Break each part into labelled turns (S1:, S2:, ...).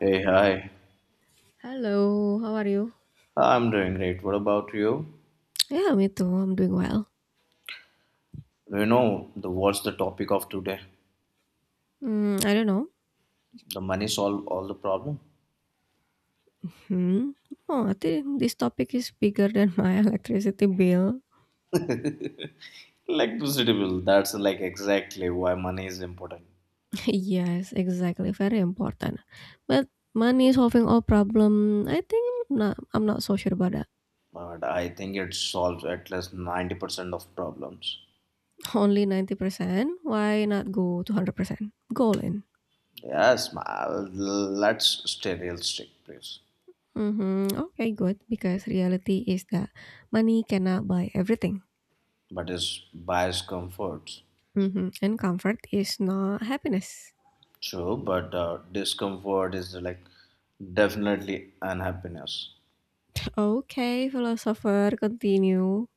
S1: Hey, hi.
S2: Hello, how are you?
S1: I'm doing great. What about you?
S2: Yeah, me too. I'm doing well.
S1: You know, the What's the topic of today?
S2: Mm, I don't know.
S1: The money solve all the problem?
S2: Hmm. Oh, I think this topic is bigger than my electricity bill.
S1: Like bill. That's like exactly why money is important.
S2: Yes, exactly. Very important. But money solving all problem. I think not, I'm not so sure about that.
S1: But I think it solves at least 90% of problems.
S2: Only 90%. Why not go to 100%? Go all in.
S1: Yes, let's stay realistic, please.
S2: Mm-hmm. Okay, good. Because reality is that money cannot buy everything.
S1: But it's bias comforts.
S2: Mm-hmm. And comfort is not happiness.
S1: True, but discomfort is like definitely unhappiness.
S2: Okay, philosopher, continue.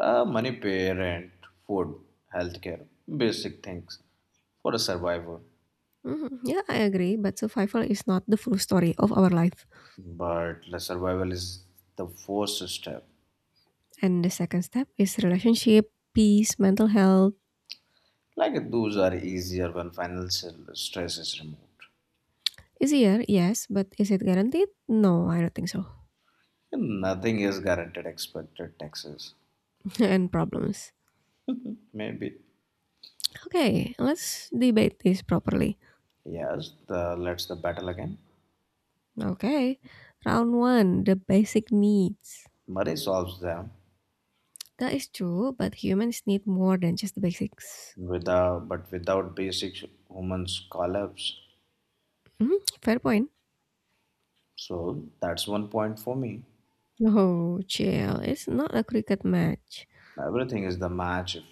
S1: Money, pay rent, food, healthcare, basic things for a survivor.
S2: Mhm, yeah, I agree, but survival is not the full story of our life.
S1: But the survival is the first step.
S2: And the second step is relationship, peace, mental health.
S1: Like those are easier when financial stress is removed.
S2: Easier, yes, but is it guaranteed? No, I don't think so.
S1: And nothing is guaranteed expected taxes.
S2: And problems.
S1: Maybe.
S2: Okay, let's debate this properly.
S1: Yes, the let's the battle again.
S2: Okay, round one, the basic needs.
S1: Murray solves them
S2: That is true, but humans need more than just the basics.
S1: without basic humans collapse.
S2: Mhm, fair point.
S1: So that's one point for me.
S2: Oh, chill. It's not a cricket match.
S1: Everything is the match if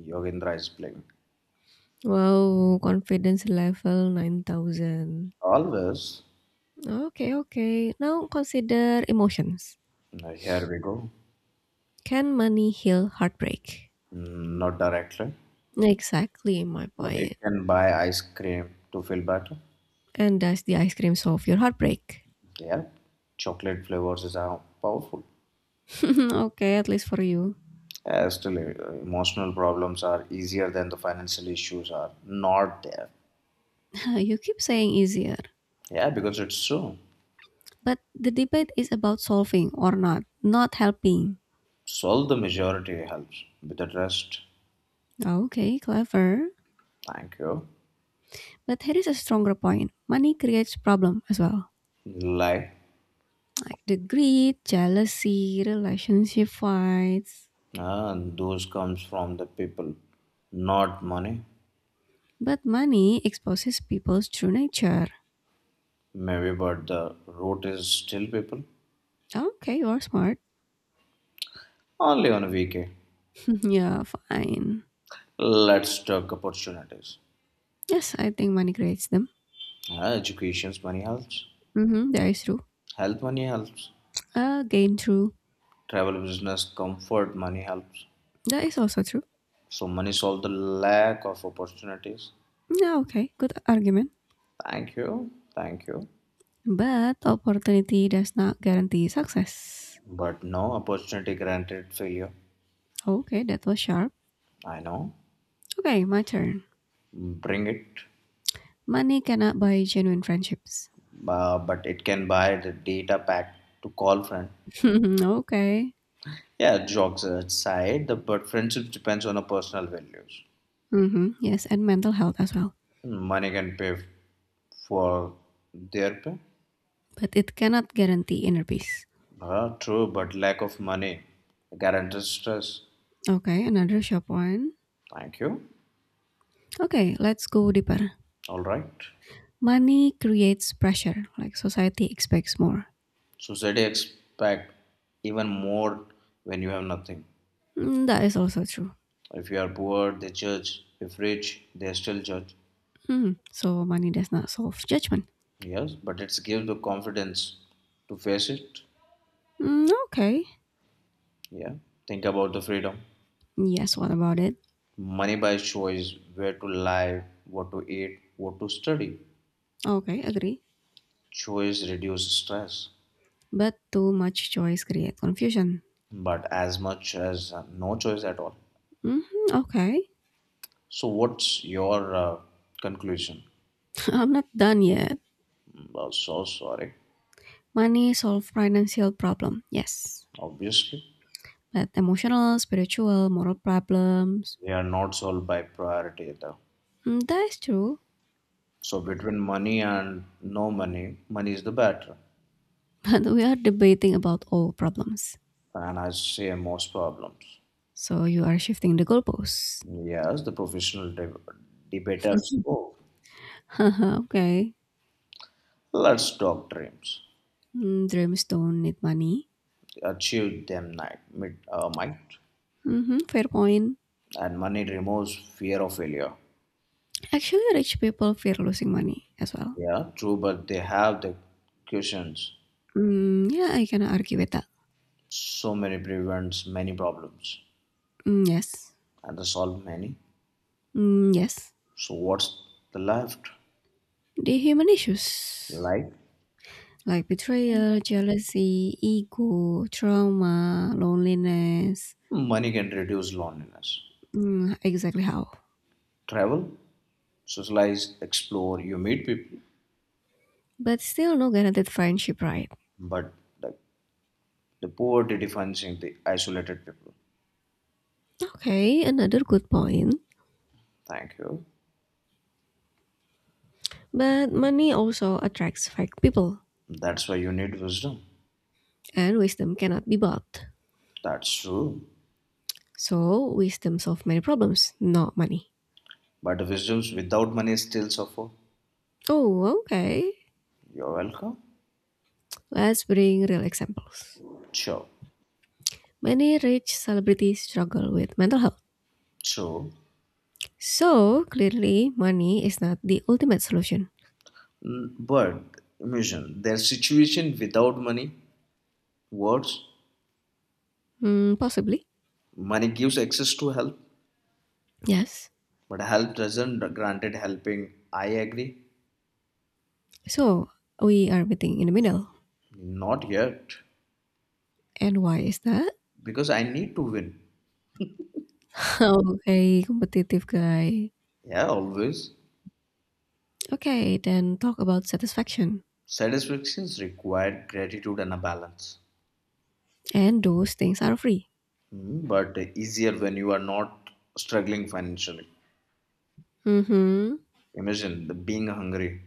S1: Yogendra is playing.
S2: Wow, confidence level 9,000.
S1: Always.
S2: Okay, okay. Now consider emotions.
S1: Now, here we go.
S2: Can money heal heartbreak?
S1: Mm, not directly,
S2: Exactly my
S1: but it
S2: point.
S1: can buy ice cream to feel better.
S2: And does the ice cream solve your heartbreak?
S1: Yeah, chocolate flavors is how powerful.
S2: Okay, at least for you.
S1: Yeah, still, emotional problems are easier than the financial issues are not there.
S2: You keep saying easier.
S1: Yeah, because it's true.
S2: But the debate is about solving or not, not helping.
S1: Solve the majority helps with the rest.
S2: Okay, clever.
S1: Thank you.
S2: But here is a stronger point. Money creates problem as well.
S1: Lie.
S2: Like the greed, jealousy, relationship fights.
S1: Ah, those comes from the people, not money.
S2: But money exposes people's true nature.
S1: Maybe, but the root is still people.
S2: Okay, you're smart.
S1: Only on a weekend.
S2: Yeah, fine.
S1: Let's talk opportunities.
S2: Yes, I think money creates them.
S1: Education's money helps.
S2: Mm-hmm, that is true.
S1: Health money helps.
S2: Gain true.
S1: Travel business comfort money helps.
S2: That is also true.
S1: So money solves the lack of opportunities.
S2: Yeah, okay, good argument.
S1: Thank you, thank you.
S2: But opportunity does not guarantee success.
S1: But no opportunity granted failure.
S2: Okay, that was sharp.
S1: I know.
S2: Okay, my turn.
S1: Bring it,
S2: Money cannot buy genuine friendships.
S1: but it can buy the data pack to call friend.
S2: Okay.
S1: Yeah, jokes aside, the but friendship depends on a personal values.
S2: Mm-hmm, yes, and mental health as well.
S1: Money can pay for their pay.
S2: But it cannot guarantee inner peace.
S1: Ah, true, but lack of money guarantees stress.
S2: Okay, another sharp one.
S1: Thank you.
S2: Okay, let's go deeper.
S1: All right.
S2: Money creates pressure, like society expects more.
S1: Society expect even more when you have nothing.
S2: Mm, that is also true.
S1: If you are poor, they judge. If rich, they still judge.
S2: Mm, so money does not solve judgment.
S1: Yes, but it gives the confidence to face it.
S2: Mm, okay.
S1: Yeah. Think about the freedom.
S2: Yes, what about it?
S1: Money buys choice where to live, what to eat, what to study.
S2: Okay, agree.
S1: Choice reduces stress,
S2: But too much choice creates confusion.
S1: but as much as no choice at all.
S2: Hmm, okay.
S1: So, what's your conclusion?
S2: I'm not done yet.
S1: So sorry.
S2: Money solves financial problem. Yes.
S1: Obviously,
S2: But emotional, spiritual, moral problems.
S1: they are not solved by priority either.
S2: Mm, that is true.
S1: So, between money and no money, money is the better.
S2: But we are debating about all problems.
S1: And I say most problems.
S2: So you are shifting the goalposts.
S1: Yes, the professional debaters. Oh,
S2: Okay.
S1: let's talk dreams.
S2: Mm, dreams don't need money.
S1: Achieve them night, might.
S2: Hmm, fair point.
S1: And money removes fear of failure.
S2: Actually, rich people fear losing money as well.
S1: Yeah, true, but they have the cushions.
S2: Mm, yeah, I can argue with that.
S1: So many prevents many problems.
S2: Mm, yes.
S1: And solve many.
S2: Mm, yes.
S1: So what's the left?
S2: The human issues
S1: Like
S2: like betrayal, jealousy, ego, trauma, loneliness.
S1: money can reduce loneliness.
S2: Mm, exactly how.
S1: Travel, socialize, explore, you meet people,
S2: But still, no guaranteed friendship, right?
S1: but the, the poverty defines the isolated people.
S2: Okay, another good point.
S1: Thank you.
S2: But money also attracts fake people,
S1: That's why you need wisdom.
S2: and wisdom cannot be bought.
S1: That's true.
S2: So, wisdom solve many problems, not money.
S1: But wisdoms without money still suffer.
S2: Oh, okay.
S1: You're welcome.
S2: Let's bring real examples.
S1: Sure.
S2: Many rich celebrities struggle with mental health.
S1: So,
S2: So, clearly, money is not the ultimate solution.
S1: but imagine their situation without money, words,
S2: Hmm, possibly.
S1: money gives access to help,
S2: Yes.
S1: but help doesn't granted helping. I agree.
S2: So, we are meeting in the middle.
S1: Not yet.
S2: And why is that?
S1: Because I need to win.
S2: Okay, competitive guy.
S1: Yeah, always.
S2: Okay, then talk about satisfaction.
S1: Satisfactions require gratitude and a balance.
S2: And those things are free.
S1: Hmm, but easier when you are not struggling financially.
S2: Mm-hmm.
S1: Imagine the being hungry.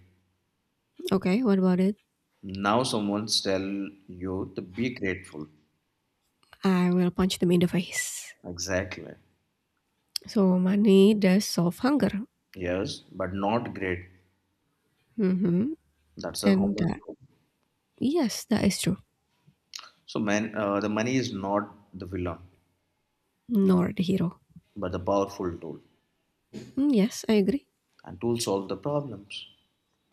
S2: Okay, what about it?
S1: Now someone's tell you to be grateful.
S2: I will punch them in the face.
S1: Exactly.
S2: So money does solve hunger.
S1: Yes, but not great.
S2: Hmm.
S1: That's a
S2: And
S1: human
S2: that,
S1: problem.
S2: yes, that is true.
S1: So the money is not the villain,
S2: Nor the hero.
S1: but the powerful tool,
S2: Mm, yes, I agree.
S1: and tools solve the problems.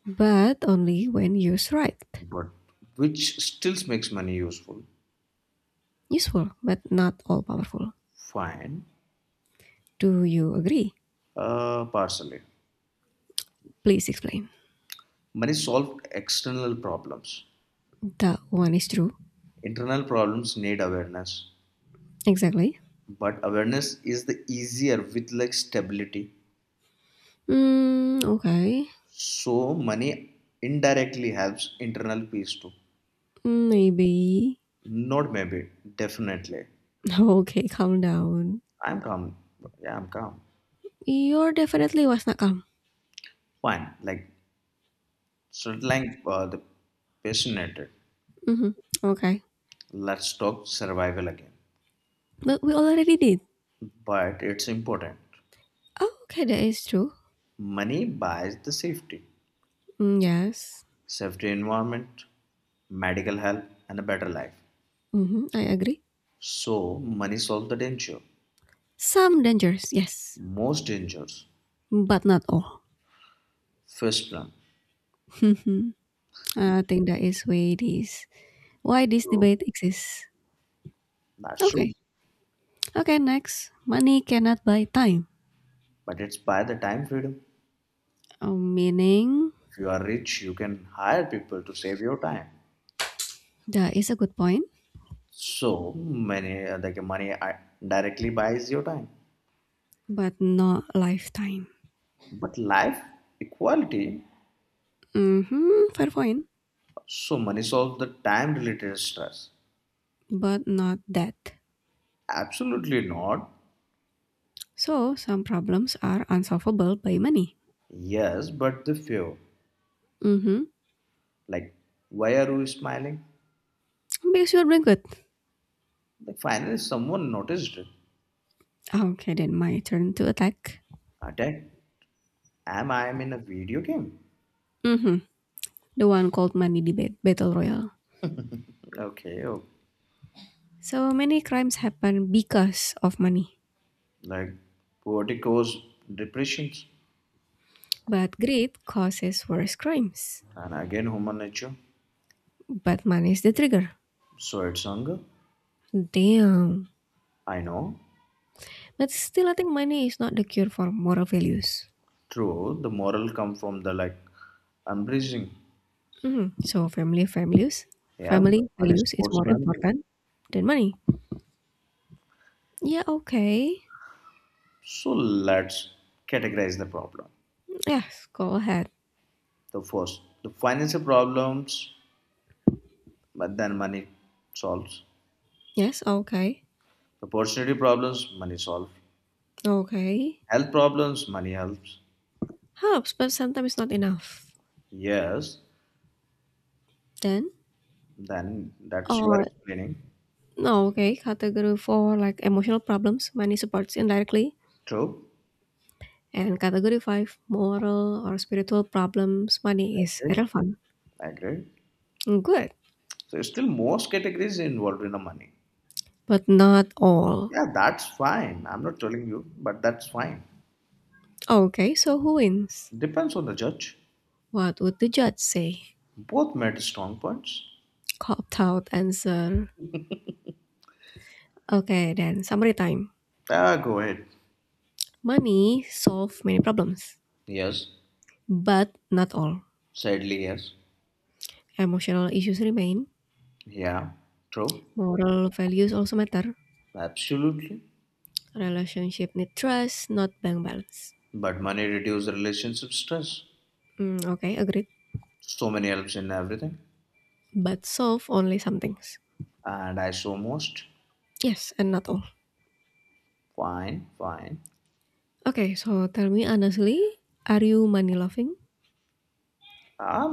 S2: But only when used right.
S1: But which still makes money useful.
S2: Useful, but not all powerful.
S1: Fine,
S2: Do you agree?
S1: partially.
S2: Please explain.
S1: Money solves external problems.
S2: That one is true.
S1: Internal problems need awareness,
S2: Exactly.
S1: but awareness is the easier with like stability.
S2: Mm, okay.
S1: So money indirectly helps internal peace too.
S2: Mm, maybe.
S1: Not maybe, definitely.
S2: Okay, calm down.
S1: I'm calm. Yeah, I'm calm.
S2: You're definitely was not calm.
S1: Fine. Like sort of like the passionate.
S2: Hmm. Okay.
S1: Let's talk survival again.
S2: But we already did.
S1: But it's important.
S2: Oh, okay, that is true.
S1: Money buys the safety,
S2: Mm, yes.
S1: safety environment, medical help, and a better life.
S2: Hmm, I agree.
S1: So money solves the danger,
S2: Some dangers, yes,
S1: most dangers.
S2: but not all.
S1: First one,
S2: I think that is why this
S1: true.
S2: debate exists.
S1: That's true.
S2: Okay. Okay, next. Money cannot buy time.
S1: But it's by the time freedom.
S2: Oh, meaning
S1: If you are rich, you can hire people to save your time.
S2: that is a good point,
S1: So money, like money, directly buys your time.
S2: but not lifetime.
S1: But life equality.
S2: Mm-hmm, fair point,
S1: So money solves the time-related stress.
S2: but not that.
S1: Absolutely not.
S2: So some problems are unsolvable by money.
S1: Yes, but the few.
S2: Mm-hmm.
S1: Like, why are you smiling?
S2: Because you're doing good.
S1: Like, finally, someone noticed it.
S2: Okay, then my turn to attack.
S1: Attack? Am I am in a video game?
S2: Mm-hmm. The one called money debate battle royale.
S1: Okay, oh,
S2: So many crimes happen because of money.
S1: like, poverty causes depressions
S2: But greed causes worse crimes.
S1: and again human nature.
S2: But money is the trigger.
S1: So it's hunger.
S2: Damn.
S1: I know.
S2: But still, I think money is not the cure for moral values.
S1: True, the moral come from the like unbridging.
S2: Mhm. So family values,
S1: Yeah, but
S2: family
S1: money
S2: values is
S1: supports
S2: more
S1: family.
S2: important than money. Yeah, okay.
S1: So let's categorize the problem.
S2: Yes, go ahead.
S1: The first, the financial problems, but then money solves.
S2: Yes, okay.
S1: The personality problems, money solves.
S2: Okay.
S1: Health problems, money helps.
S2: Helps, but sometimes not enough.
S1: Yes,
S2: Then,
S1: then that's you are
S2: or
S1: explaining.
S2: no, okay. Category for like emotional problems, money supports indirectly.
S1: True.
S2: And category five, moral or spiritual problems, money is
S1: Agree.
S2: irrelevant.
S1: Agree.
S2: Good,
S1: So it's still most categories involved in the money.
S2: but not all.
S1: Yeah, that's fine. I'm not telling you, but that's fine.
S2: Okay, so who wins?
S1: Depends on the judge.
S2: What would the judge say?
S1: Both made strong points.
S2: Copped out answer. Okay, then summary time.
S1: Ah, go ahead.
S2: Money solve many problems,
S1: Yes.
S2: but not all.
S1: Sadly, yes.
S2: Emotional issues remain.
S1: Yeah. True.
S2: Moral values also matter.
S1: Absolutely.
S2: Relationship need trust, not bank balance.
S1: But money reduces relationship stress.
S2: Mm, okay, agreed.
S1: So many helps in everything.
S2: But solve only some things.
S1: And I saw most.
S2: Yes, and not all.
S1: Fine, fine.
S2: Okay, so tell me honestly, are you money loving?
S1: I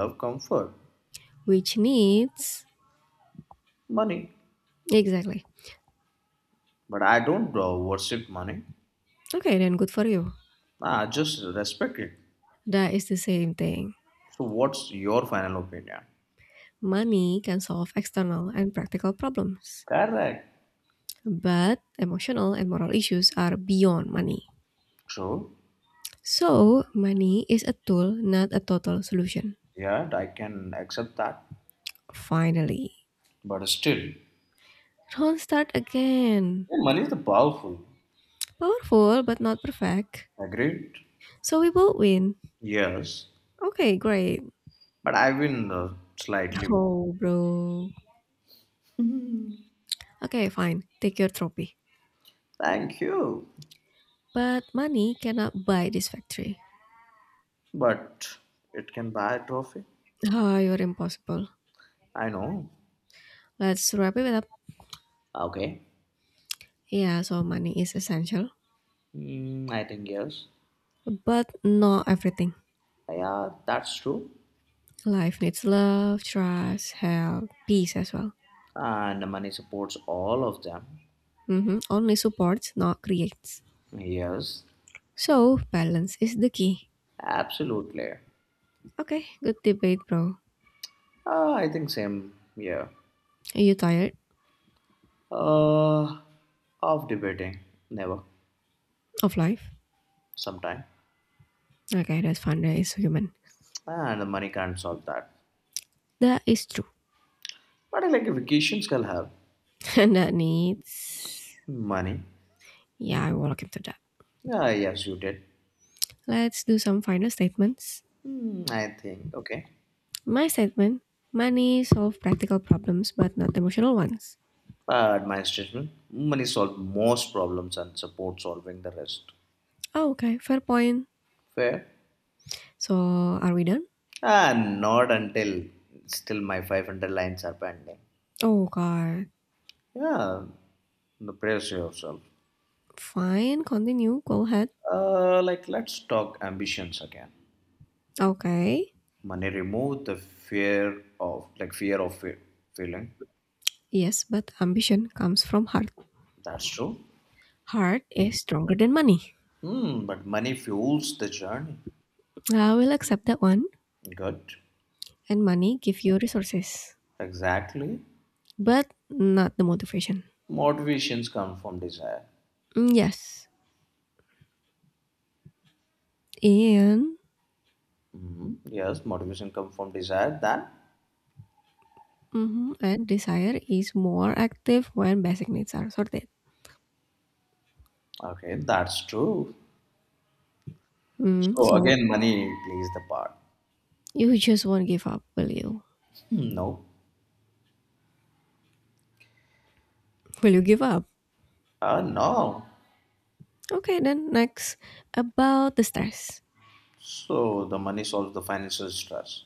S1: love comfort,
S2: Which needs
S1: money,
S2: exactly.
S1: but I don't worship money.
S2: Okay, then good for you.
S1: I just respect it.
S2: That is the same thing.
S1: So, what's your final opinion?
S2: Money can solve external and practical problems,
S1: Correct.
S2: but emotional and moral issues are beyond money.
S1: True.
S2: So, money is a tool, not a total solution.
S1: Yeah, I can accept that.
S2: Finally.
S1: But still, yeah,
S2: Don't start again.
S1: money is the powerful.
S2: Powerful, but not perfect.
S1: Agreed?
S2: So we both win.
S1: Yes.
S2: Okay, great.
S1: But I win slightly more.
S2: Oh, bro. Okay, fine. Take your trophy.
S1: Thank you.
S2: But money cannot buy this factory.
S1: But it can buy a trophy.
S2: Oh, you're impossible.
S1: I know.
S2: Let's wrap it up.
S1: Okay.
S2: Yeah, so money is essential,
S1: Mm, I think yes.
S2: but not everything.
S1: Yeah, that's true.
S2: Life needs love, trust, help, peace as well.
S1: And money supports all of them.
S2: Only supports, not creates.
S1: Yes,
S2: So, balance is the key.
S1: absolutely.
S2: Okay, good debate, bro.
S1: I think same. Yeah.
S2: Are you tired
S1: Uh, of debating, never,
S2: of life?
S1: sometime,
S2: Okay, that's fine. That is human.
S1: and the money can't solve that.
S2: That is true.
S1: But I like vacations can help.
S2: And that needs.
S1: Money.
S2: Yeah, I will look into that.
S1: Ah, yes, you did.
S2: Let's do some final statements.
S1: Hmm, I think okay.
S2: My statement: money solve practical problems but not emotional ones.
S1: But my statement, money solves most problems and support solving the rest.
S2: Oh, okay, fair point.
S1: Fair.
S2: So are we done?
S1: Ah, not until still my 500 lines are pending.
S2: Oh god.
S1: Yeah, the praise yourself.
S2: Fine, continue. Go ahead.
S1: Like let's talk ambitions again.
S2: Okay.
S1: Money remove the fear of failing.
S2: Yes, but ambition comes from heart.
S1: That's true.
S2: Heart is stronger than money.
S1: Hmm, but money fuels the journey.
S2: I will accept that one.
S1: Good.
S2: And money give you resources,
S1: Exactly.
S2: but not the motivation.
S1: Motivations come from desire.
S2: Mm, yes. And
S1: Hmm, yes, motivation come from desire. Then
S2: mhm, and desire is more active when basic needs are sorted.
S1: okay, that's true.
S2: Mm,
S1: So
S2: so
S1: again, money plays the part.
S2: you just won't give up, will you?
S1: Hmm, no.
S2: Will you give up?
S1: No.
S2: Okay, then next about the stress.
S1: So the money solves the financial stress.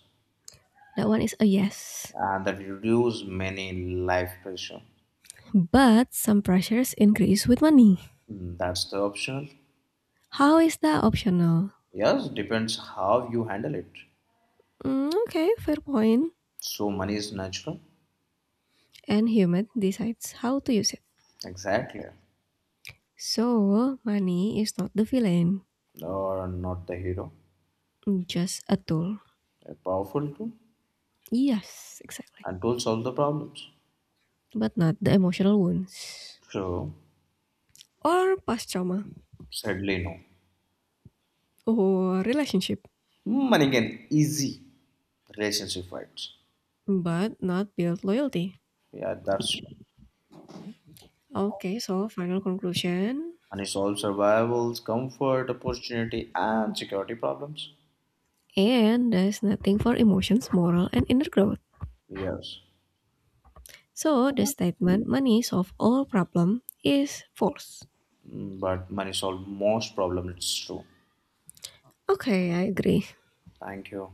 S2: That one is a yes.
S1: And that reduce many life pressure.
S2: But some pressures increase with money.
S1: Mm, that's the optional.
S2: How is that optional?
S1: Yes, depends how you handle it.
S2: Mm, okay, fair point.
S1: So money is natural,
S2: And human decides how to use it.
S1: exactly,
S2: So money is not the villain,
S1: or not the hero.
S2: just a tool.
S1: A powerful tool
S2: Yes, exactly.
S1: and tool solve the problems.
S2: But not the emotional wounds.
S1: So
S2: Or past trauma.
S1: sadly no.
S2: Or relationship.
S1: Money can easy relationship fights.
S2: But not build loyalty.
S1: Yeah, that's true.
S2: Okay, so final conclusion.
S1: Money solves survivals, comfort, opportunity, and security problems.
S2: And there's nothing for emotions, moral, and inner growth.
S1: Yes,
S2: So the statement money solve all problem is false.
S1: But money solves most problems. It's true.
S2: Okay, I agree.
S1: Thank you.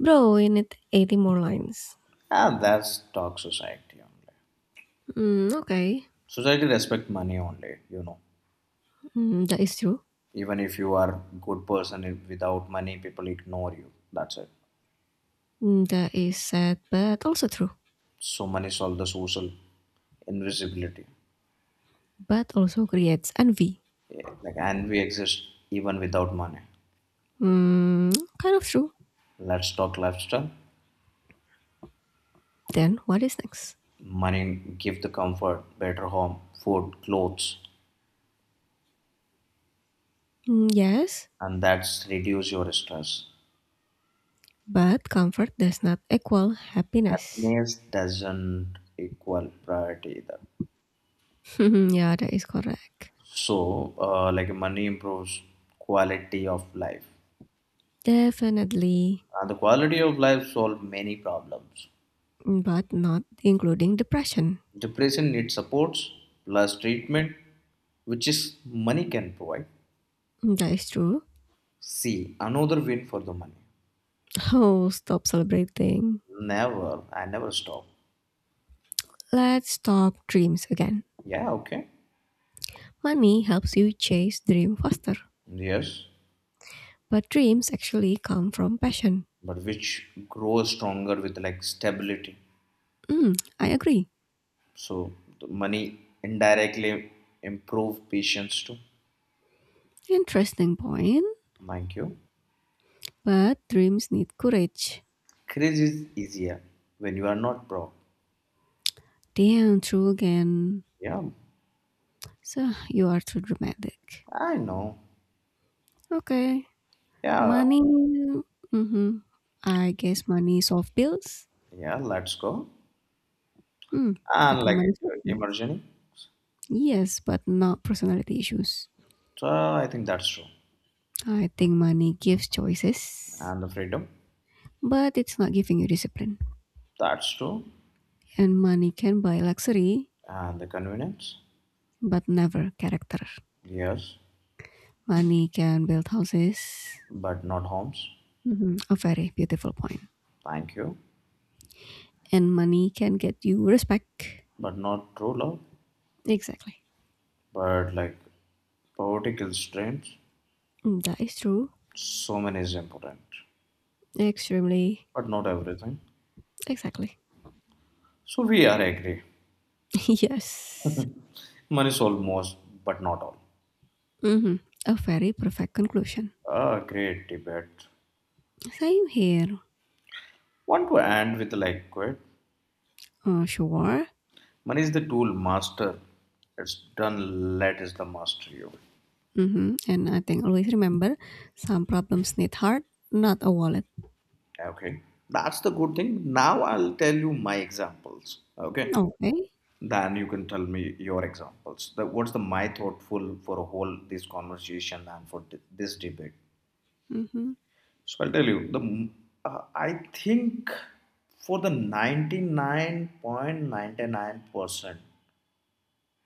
S2: Bro, we need 80 more lines.
S1: Ah, that's talk society only.
S2: Mm, okay.
S1: Society respect money only.
S2: Mm, that is true.
S1: Even if you are good person if without money, people ignore you. That's it.
S2: Mm, that is sad, but also true.
S1: So money solve the social invisibility.
S2: But also creates envy.
S1: Yeah, like and we exist even without money.
S2: Mm, kind of true.
S1: Let's talk lifestyle.
S2: Then what is next?
S1: Money give the comfort, better home, food, clothes,
S2: Mm, yes,
S1: and that's reduce your stress.
S2: but comfort does not equal happiness.
S1: Happiness doesn't equal priority either.
S2: Yeah, that is correct.
S1: So, like money improves quality of life,
S2: Definitely.
S1: and the quality of life solve many problems.
S2: But not including depression.
S1: Depression needs supports plus treatment, which is money can provide.
S2: That is true.
S1: See, another win for the money.
S2: Oh, stop celebrating.
S1: Never, I never stop.
S2: Let's talk dreams again.
S1: Yeah, okay.
S2: Money helps you chase dream faster,
S1: Yes,
S2: but dreams actually come from passion.
S1: but which grows stronger with like stability.
S2: Hmm, I agree.
S1: So the money indirectly improve patience too.
S2: Interesting point,
S1: Thank you.
S2: but dreams need courage.
S1: Crazy is easier when you are not broke.
S2: Damn, true again.
S1: Yeah,
S2: So you are too dramatic.
S1: I know.
S2: Okay,
S1: Yeah,
S2: money. Mm-hmm. I guess money solve bills.
S1: yeah, let's go.
S2: Hmm, I
S1: And
S2: think
S1: like
S2: money solves bills.
S1: emerging,
S2: Yes, but not personality issues.
S1: so I think that's true.
S2: I think money gives choices,
S1: And the freedom,
S2: but it's not giving you discipline.
S1: that's true.
S2: And money can buy luxury,
S1: And the convenience,
S2: but never character.
S1: yes,
S2: Money can build houses.
S1: but not homes.
S2: Mhm, a very beautiful point.
S1: Thank you,
S2: And money can get you respect.
S1: but not true love.
S2: Exactly.
S1: But like poverty kills dreams.
S2: Mm, that is true.
S1: So many is important,
S2: Extremely.
S1: but not everything.
S2: Exactly.
S1: So we are agree.
S2: Yes.
S1: Money solve most, but not all.
S2: Hmm, a very perfect conclusion.
S1: Ah, great debate.
S2: Same here.
S1: Want to end with like quit?
S2: Sure.
S1: Money is the tool, master. It's done, let is the master you.
S2: Mhm, and I think always remember some problems need heart, not a wallet.
S1: Okay. That's the good thing. Now I'll tell you my examples. Okay.
S2: Okay.
S1: Then you can tell me your examples. What's the my thoughtful for a whole this conversation and for this debate?
S2: Mhm.
S1: So I'll tell you. The I think for the 99.99%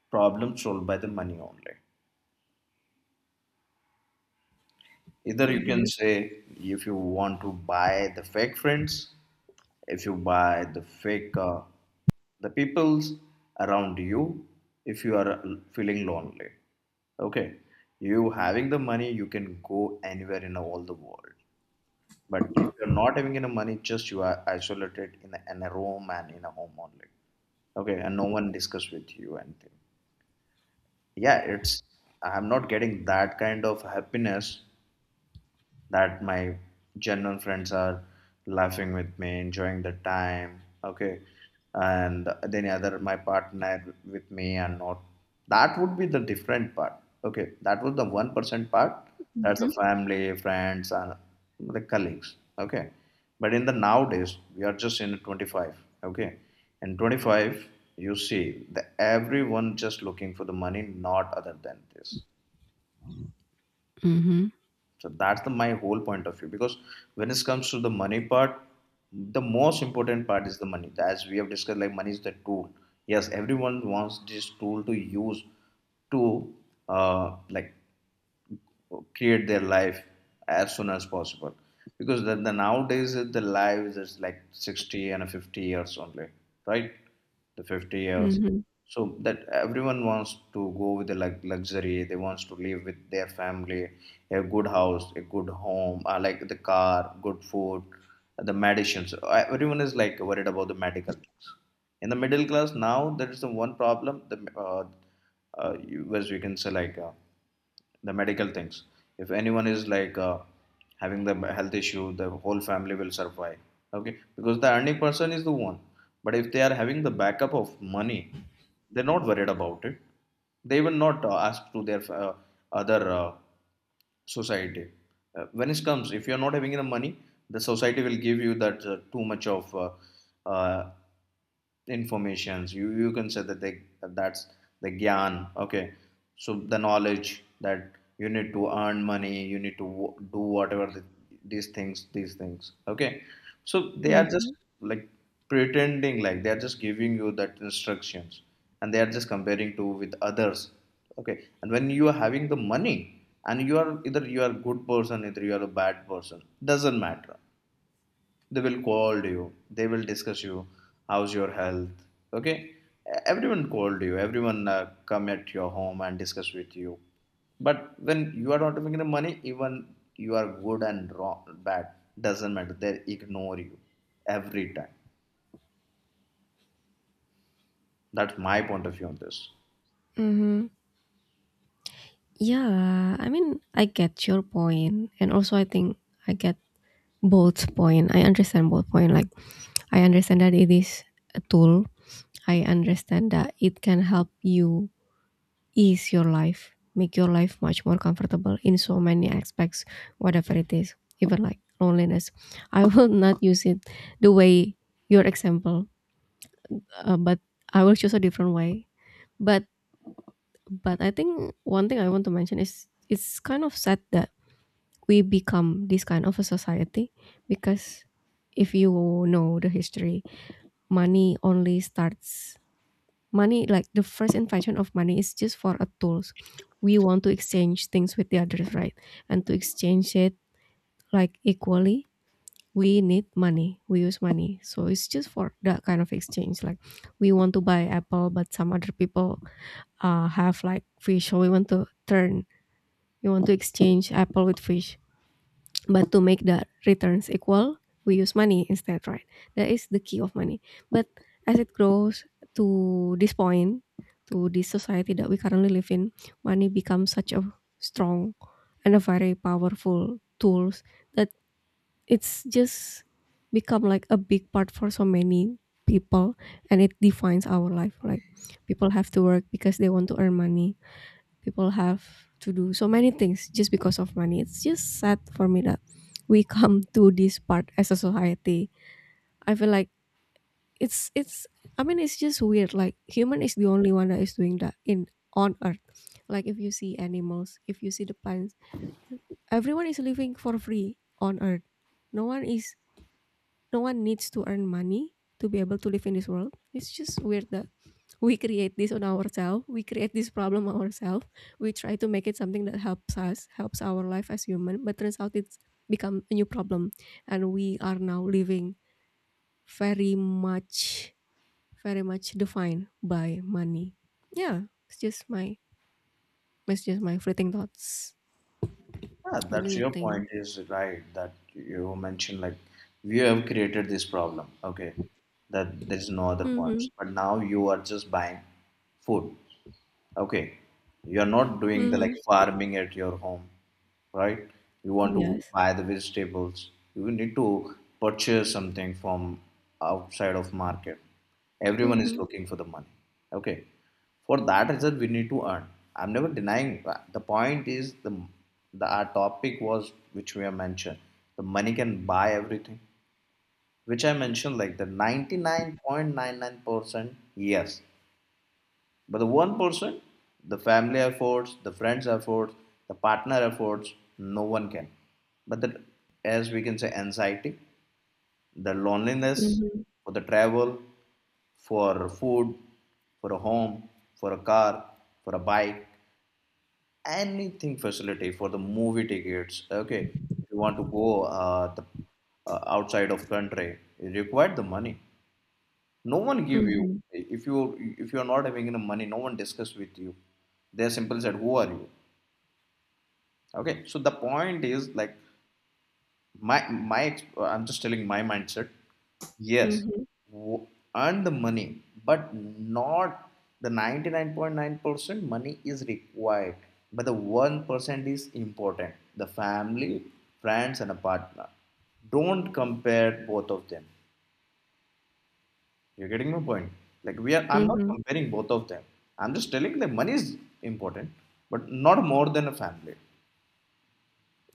S1: problem solved by the money only. Either you can
S2: Mhm,
S1: say if you want to buy the fake friends, if you buy the fake the peoples around you, if you are feeling lonely, okay, you having the money, you can go anywhere in all the world. But if you're not having any money, just you are isolated in a room and in a home only. Okay, and no one discuss with you anything. Yeah, it's I'm not getting that kind of happiness that my genuine friends are laughing with me, enjoying the time, okay, and then other my partner with me and not. That would be the different part. Okay, that was the 1% part. That's the
S2: mhm.
S1: family, friends, and the colleagues. Okay, but in the nowadays we are just in 25. Okay, in 25 you see the everyone just looking for the money, not other than this,
S2: Mhm.
S1: so that's the my whole point of view. Because when it comes to the money part, the most important part is the money. As we have discussed, like, money is the tool, yes, everyone wants this tool to use to like create their life as soon as possible. Because the nowadays the life is like 60 and 50 years only, right, the 50 years.
S2: Mhm.
S1: So that everyone wants to go with the luxury, they wants to live with their family, a good house, a good home, like the car, good food, the medicines. Everyone is like worried about the medical things. In the middle class now there is the one problem, the uh, as we can say, like, the medical things. If anyone is like having the health issue, the whole family will survive. Okay, because the earning person is the one. But if they are having the backup of money, they're not worried about it. They will not ask to their other society. When it comes, if you are not having the money, the society will give you that too much of uh, informations, you can say that they, that's the gyan, okay, so the knowledge, that you need to earn money, you need to do whatever the, these things, these things, okay. So they are just
S2: Mhm,
S1: like pretending, like they are just giving you that instructions, and they are just comparing to with others. Okay, and when you are having the money, and you are either you are good person either you are a bad person, doesn't matter, they will call you, they will discuss you, how's your health, okay, everyone called you, everyone come at your home and discuss with you. But when you are not making the money, even you are good and wrong, bad, doesn't matter, they ignore you every time. That's my point of view on this.
S2: mhm. Yeah, I mean, I get your point, and also I think I get both point. I understand both point. Like, I understand that it is a tool. I understand that it can help you ease your life, make your life much more comfortable in so many aspects, whatever it is, even like loneliness. I will not use it the way your example, but I will choose a different way. But but I think one thing I want to mention is it's kind of sad that we become this kind of a society because if you know the history, money only starts money like the first invention of money is just for a tools. We want to exchange things with the others, right? And to exchange it like equally, we need money, we use money. So it's just for that kind of exchange. Like, we want to buy apple but some other people have like fish, so we want to exchange apple with fish. But to make the returns equal, we use money instead, right? That is the key of money. But as it grows to this point, to this society that we currently live in, money becomes such a strong and a very powerful tools that it's just become like a big part for so many people, and it defines our life. Like, people have to work because they want to earn money. People have to do so many things just because of money. It's just sad for me that we come to this part as a society. I feel like it's, I mean, it's just weird. Like, human is the only one that is doing that in on earth. Like, if you see animals, if you see the plants, everyone is living for free on earth. No one is no one needs to earn money to be able to live in this world. It's just weird that we create this on ourselves. We create this problem on ourselves. We try to make it something that helps us, helps our life as human, but turns out it's become a new problem, and we are now living very much, very much defined by money. Yeah, it's just my, it's just my fleeting thoughts.
S1: Yeah,
S2: What do
S1: that's
S2: you
S1: your
S2: think?
S1: point is right, that you mentioned like we have created this problem, okay, that there is no other
S2: Mm-hmm.
S1: points but now you are just buying food. Okay, you are not doing the
S2: Mm-hmm.
S1: like farming at your home, right? You want to
S2: Yes.
S1: buy the vegetables. You need to purchase something from outside of market. Everyone is
S2: Mm-hmm.
S1: looking for the money. Okay, for that reason we need to earn. I'm never denying that. The point is the our topic was which we have mentioned. The money can buy everything, which I mentioned like the 99.99%, yes, but the one person, the family efforts, the friends efforts, the partner efforts, no one can. But the, as we can say, anxiety, the loneliness,
S2: Mm-hmm.
S1: for the travel, for food, for a home, for a car, for a bike, anything facility, for the movie tickets. Okay, if you want to go the, outside of country, you require the money, no one give you.
S2: Mm-hmm.
S1: If you, if you are not having enough money, no one discuss with you, they simply said who are you. Okay, so the point is like my I'm just telling my mindset, yes,
S2: Mm-hmm.
S1: w- earn the money, but not the 99.9% money is required, but the 1% is important, the family, friends, and a partner. Don't compare both of them. You're getting my point. Like we are, I'm not
S2: Mm-hmm.
S1: comparing both of them. I'm just telling that money is important, but not more than a family.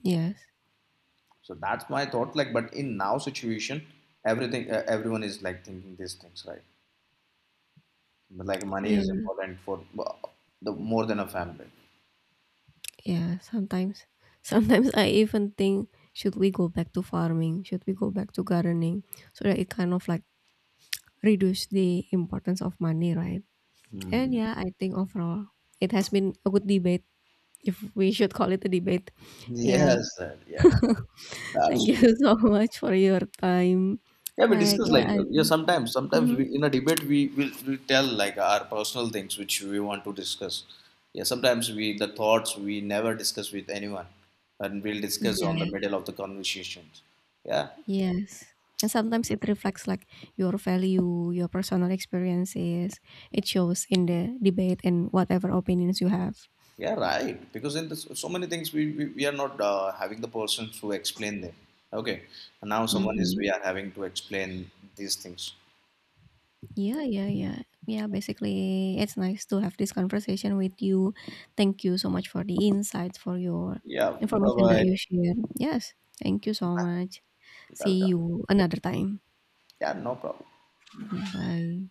S2: Yes.
S1: So that's my thought. Like, but in now situation, everything, everyone is like thinking these things, right? But like money
S2: Yeah,
S1: is important for the more than a family.
S2: yeah, sometimes. Sometimes I even think, should we go back to farming? Should we go back to gardening? So that it kind of like reduce the importance of money, right? And
S1: Hmm.
S2: yeah, I think overall it has been a good debate, if we should call it a debate. Yeah,
S1: Yes, sir, yes.
S2: thank
S1: That's,
S2: you so much for your time.
S1: yeah, we
S2: Like,
S1: discuss
S2: yeah,
S1: like
S2: I
S1: yeah.
S2: think.
S1: Sometimes, sometimes
S2: Hmm.
S1: we in a debate we will tell like our personal things which we want to discuss. Yeah, sometimes we the thoughts we never discuss with anyone, and we'll discuss
S2: Yeah.
S1: on the middle of the conversations. Yeah,
S2: Yes, and sometimes it reflects like your value, your personal experiences. It shows in the debate and whatever opinions you have.
S1: yeah, right. Because in this, so many things we are not having the person to explain them. Okay, and now someone is
S2: Mhm.
S1: we are having to explain these things.
S2: Yeah, yeah, yeah. Yeah, basically, it's nice to have this conversation with you. Thank you so much for the insights, for your
S1: Yeah, bye
S2: information that
S1: bye.
S2: you shared. Yes, thank you so much. See
S1: Welcome.
S2: you another time.
S1: Yeah, no problem.
S2: Bye.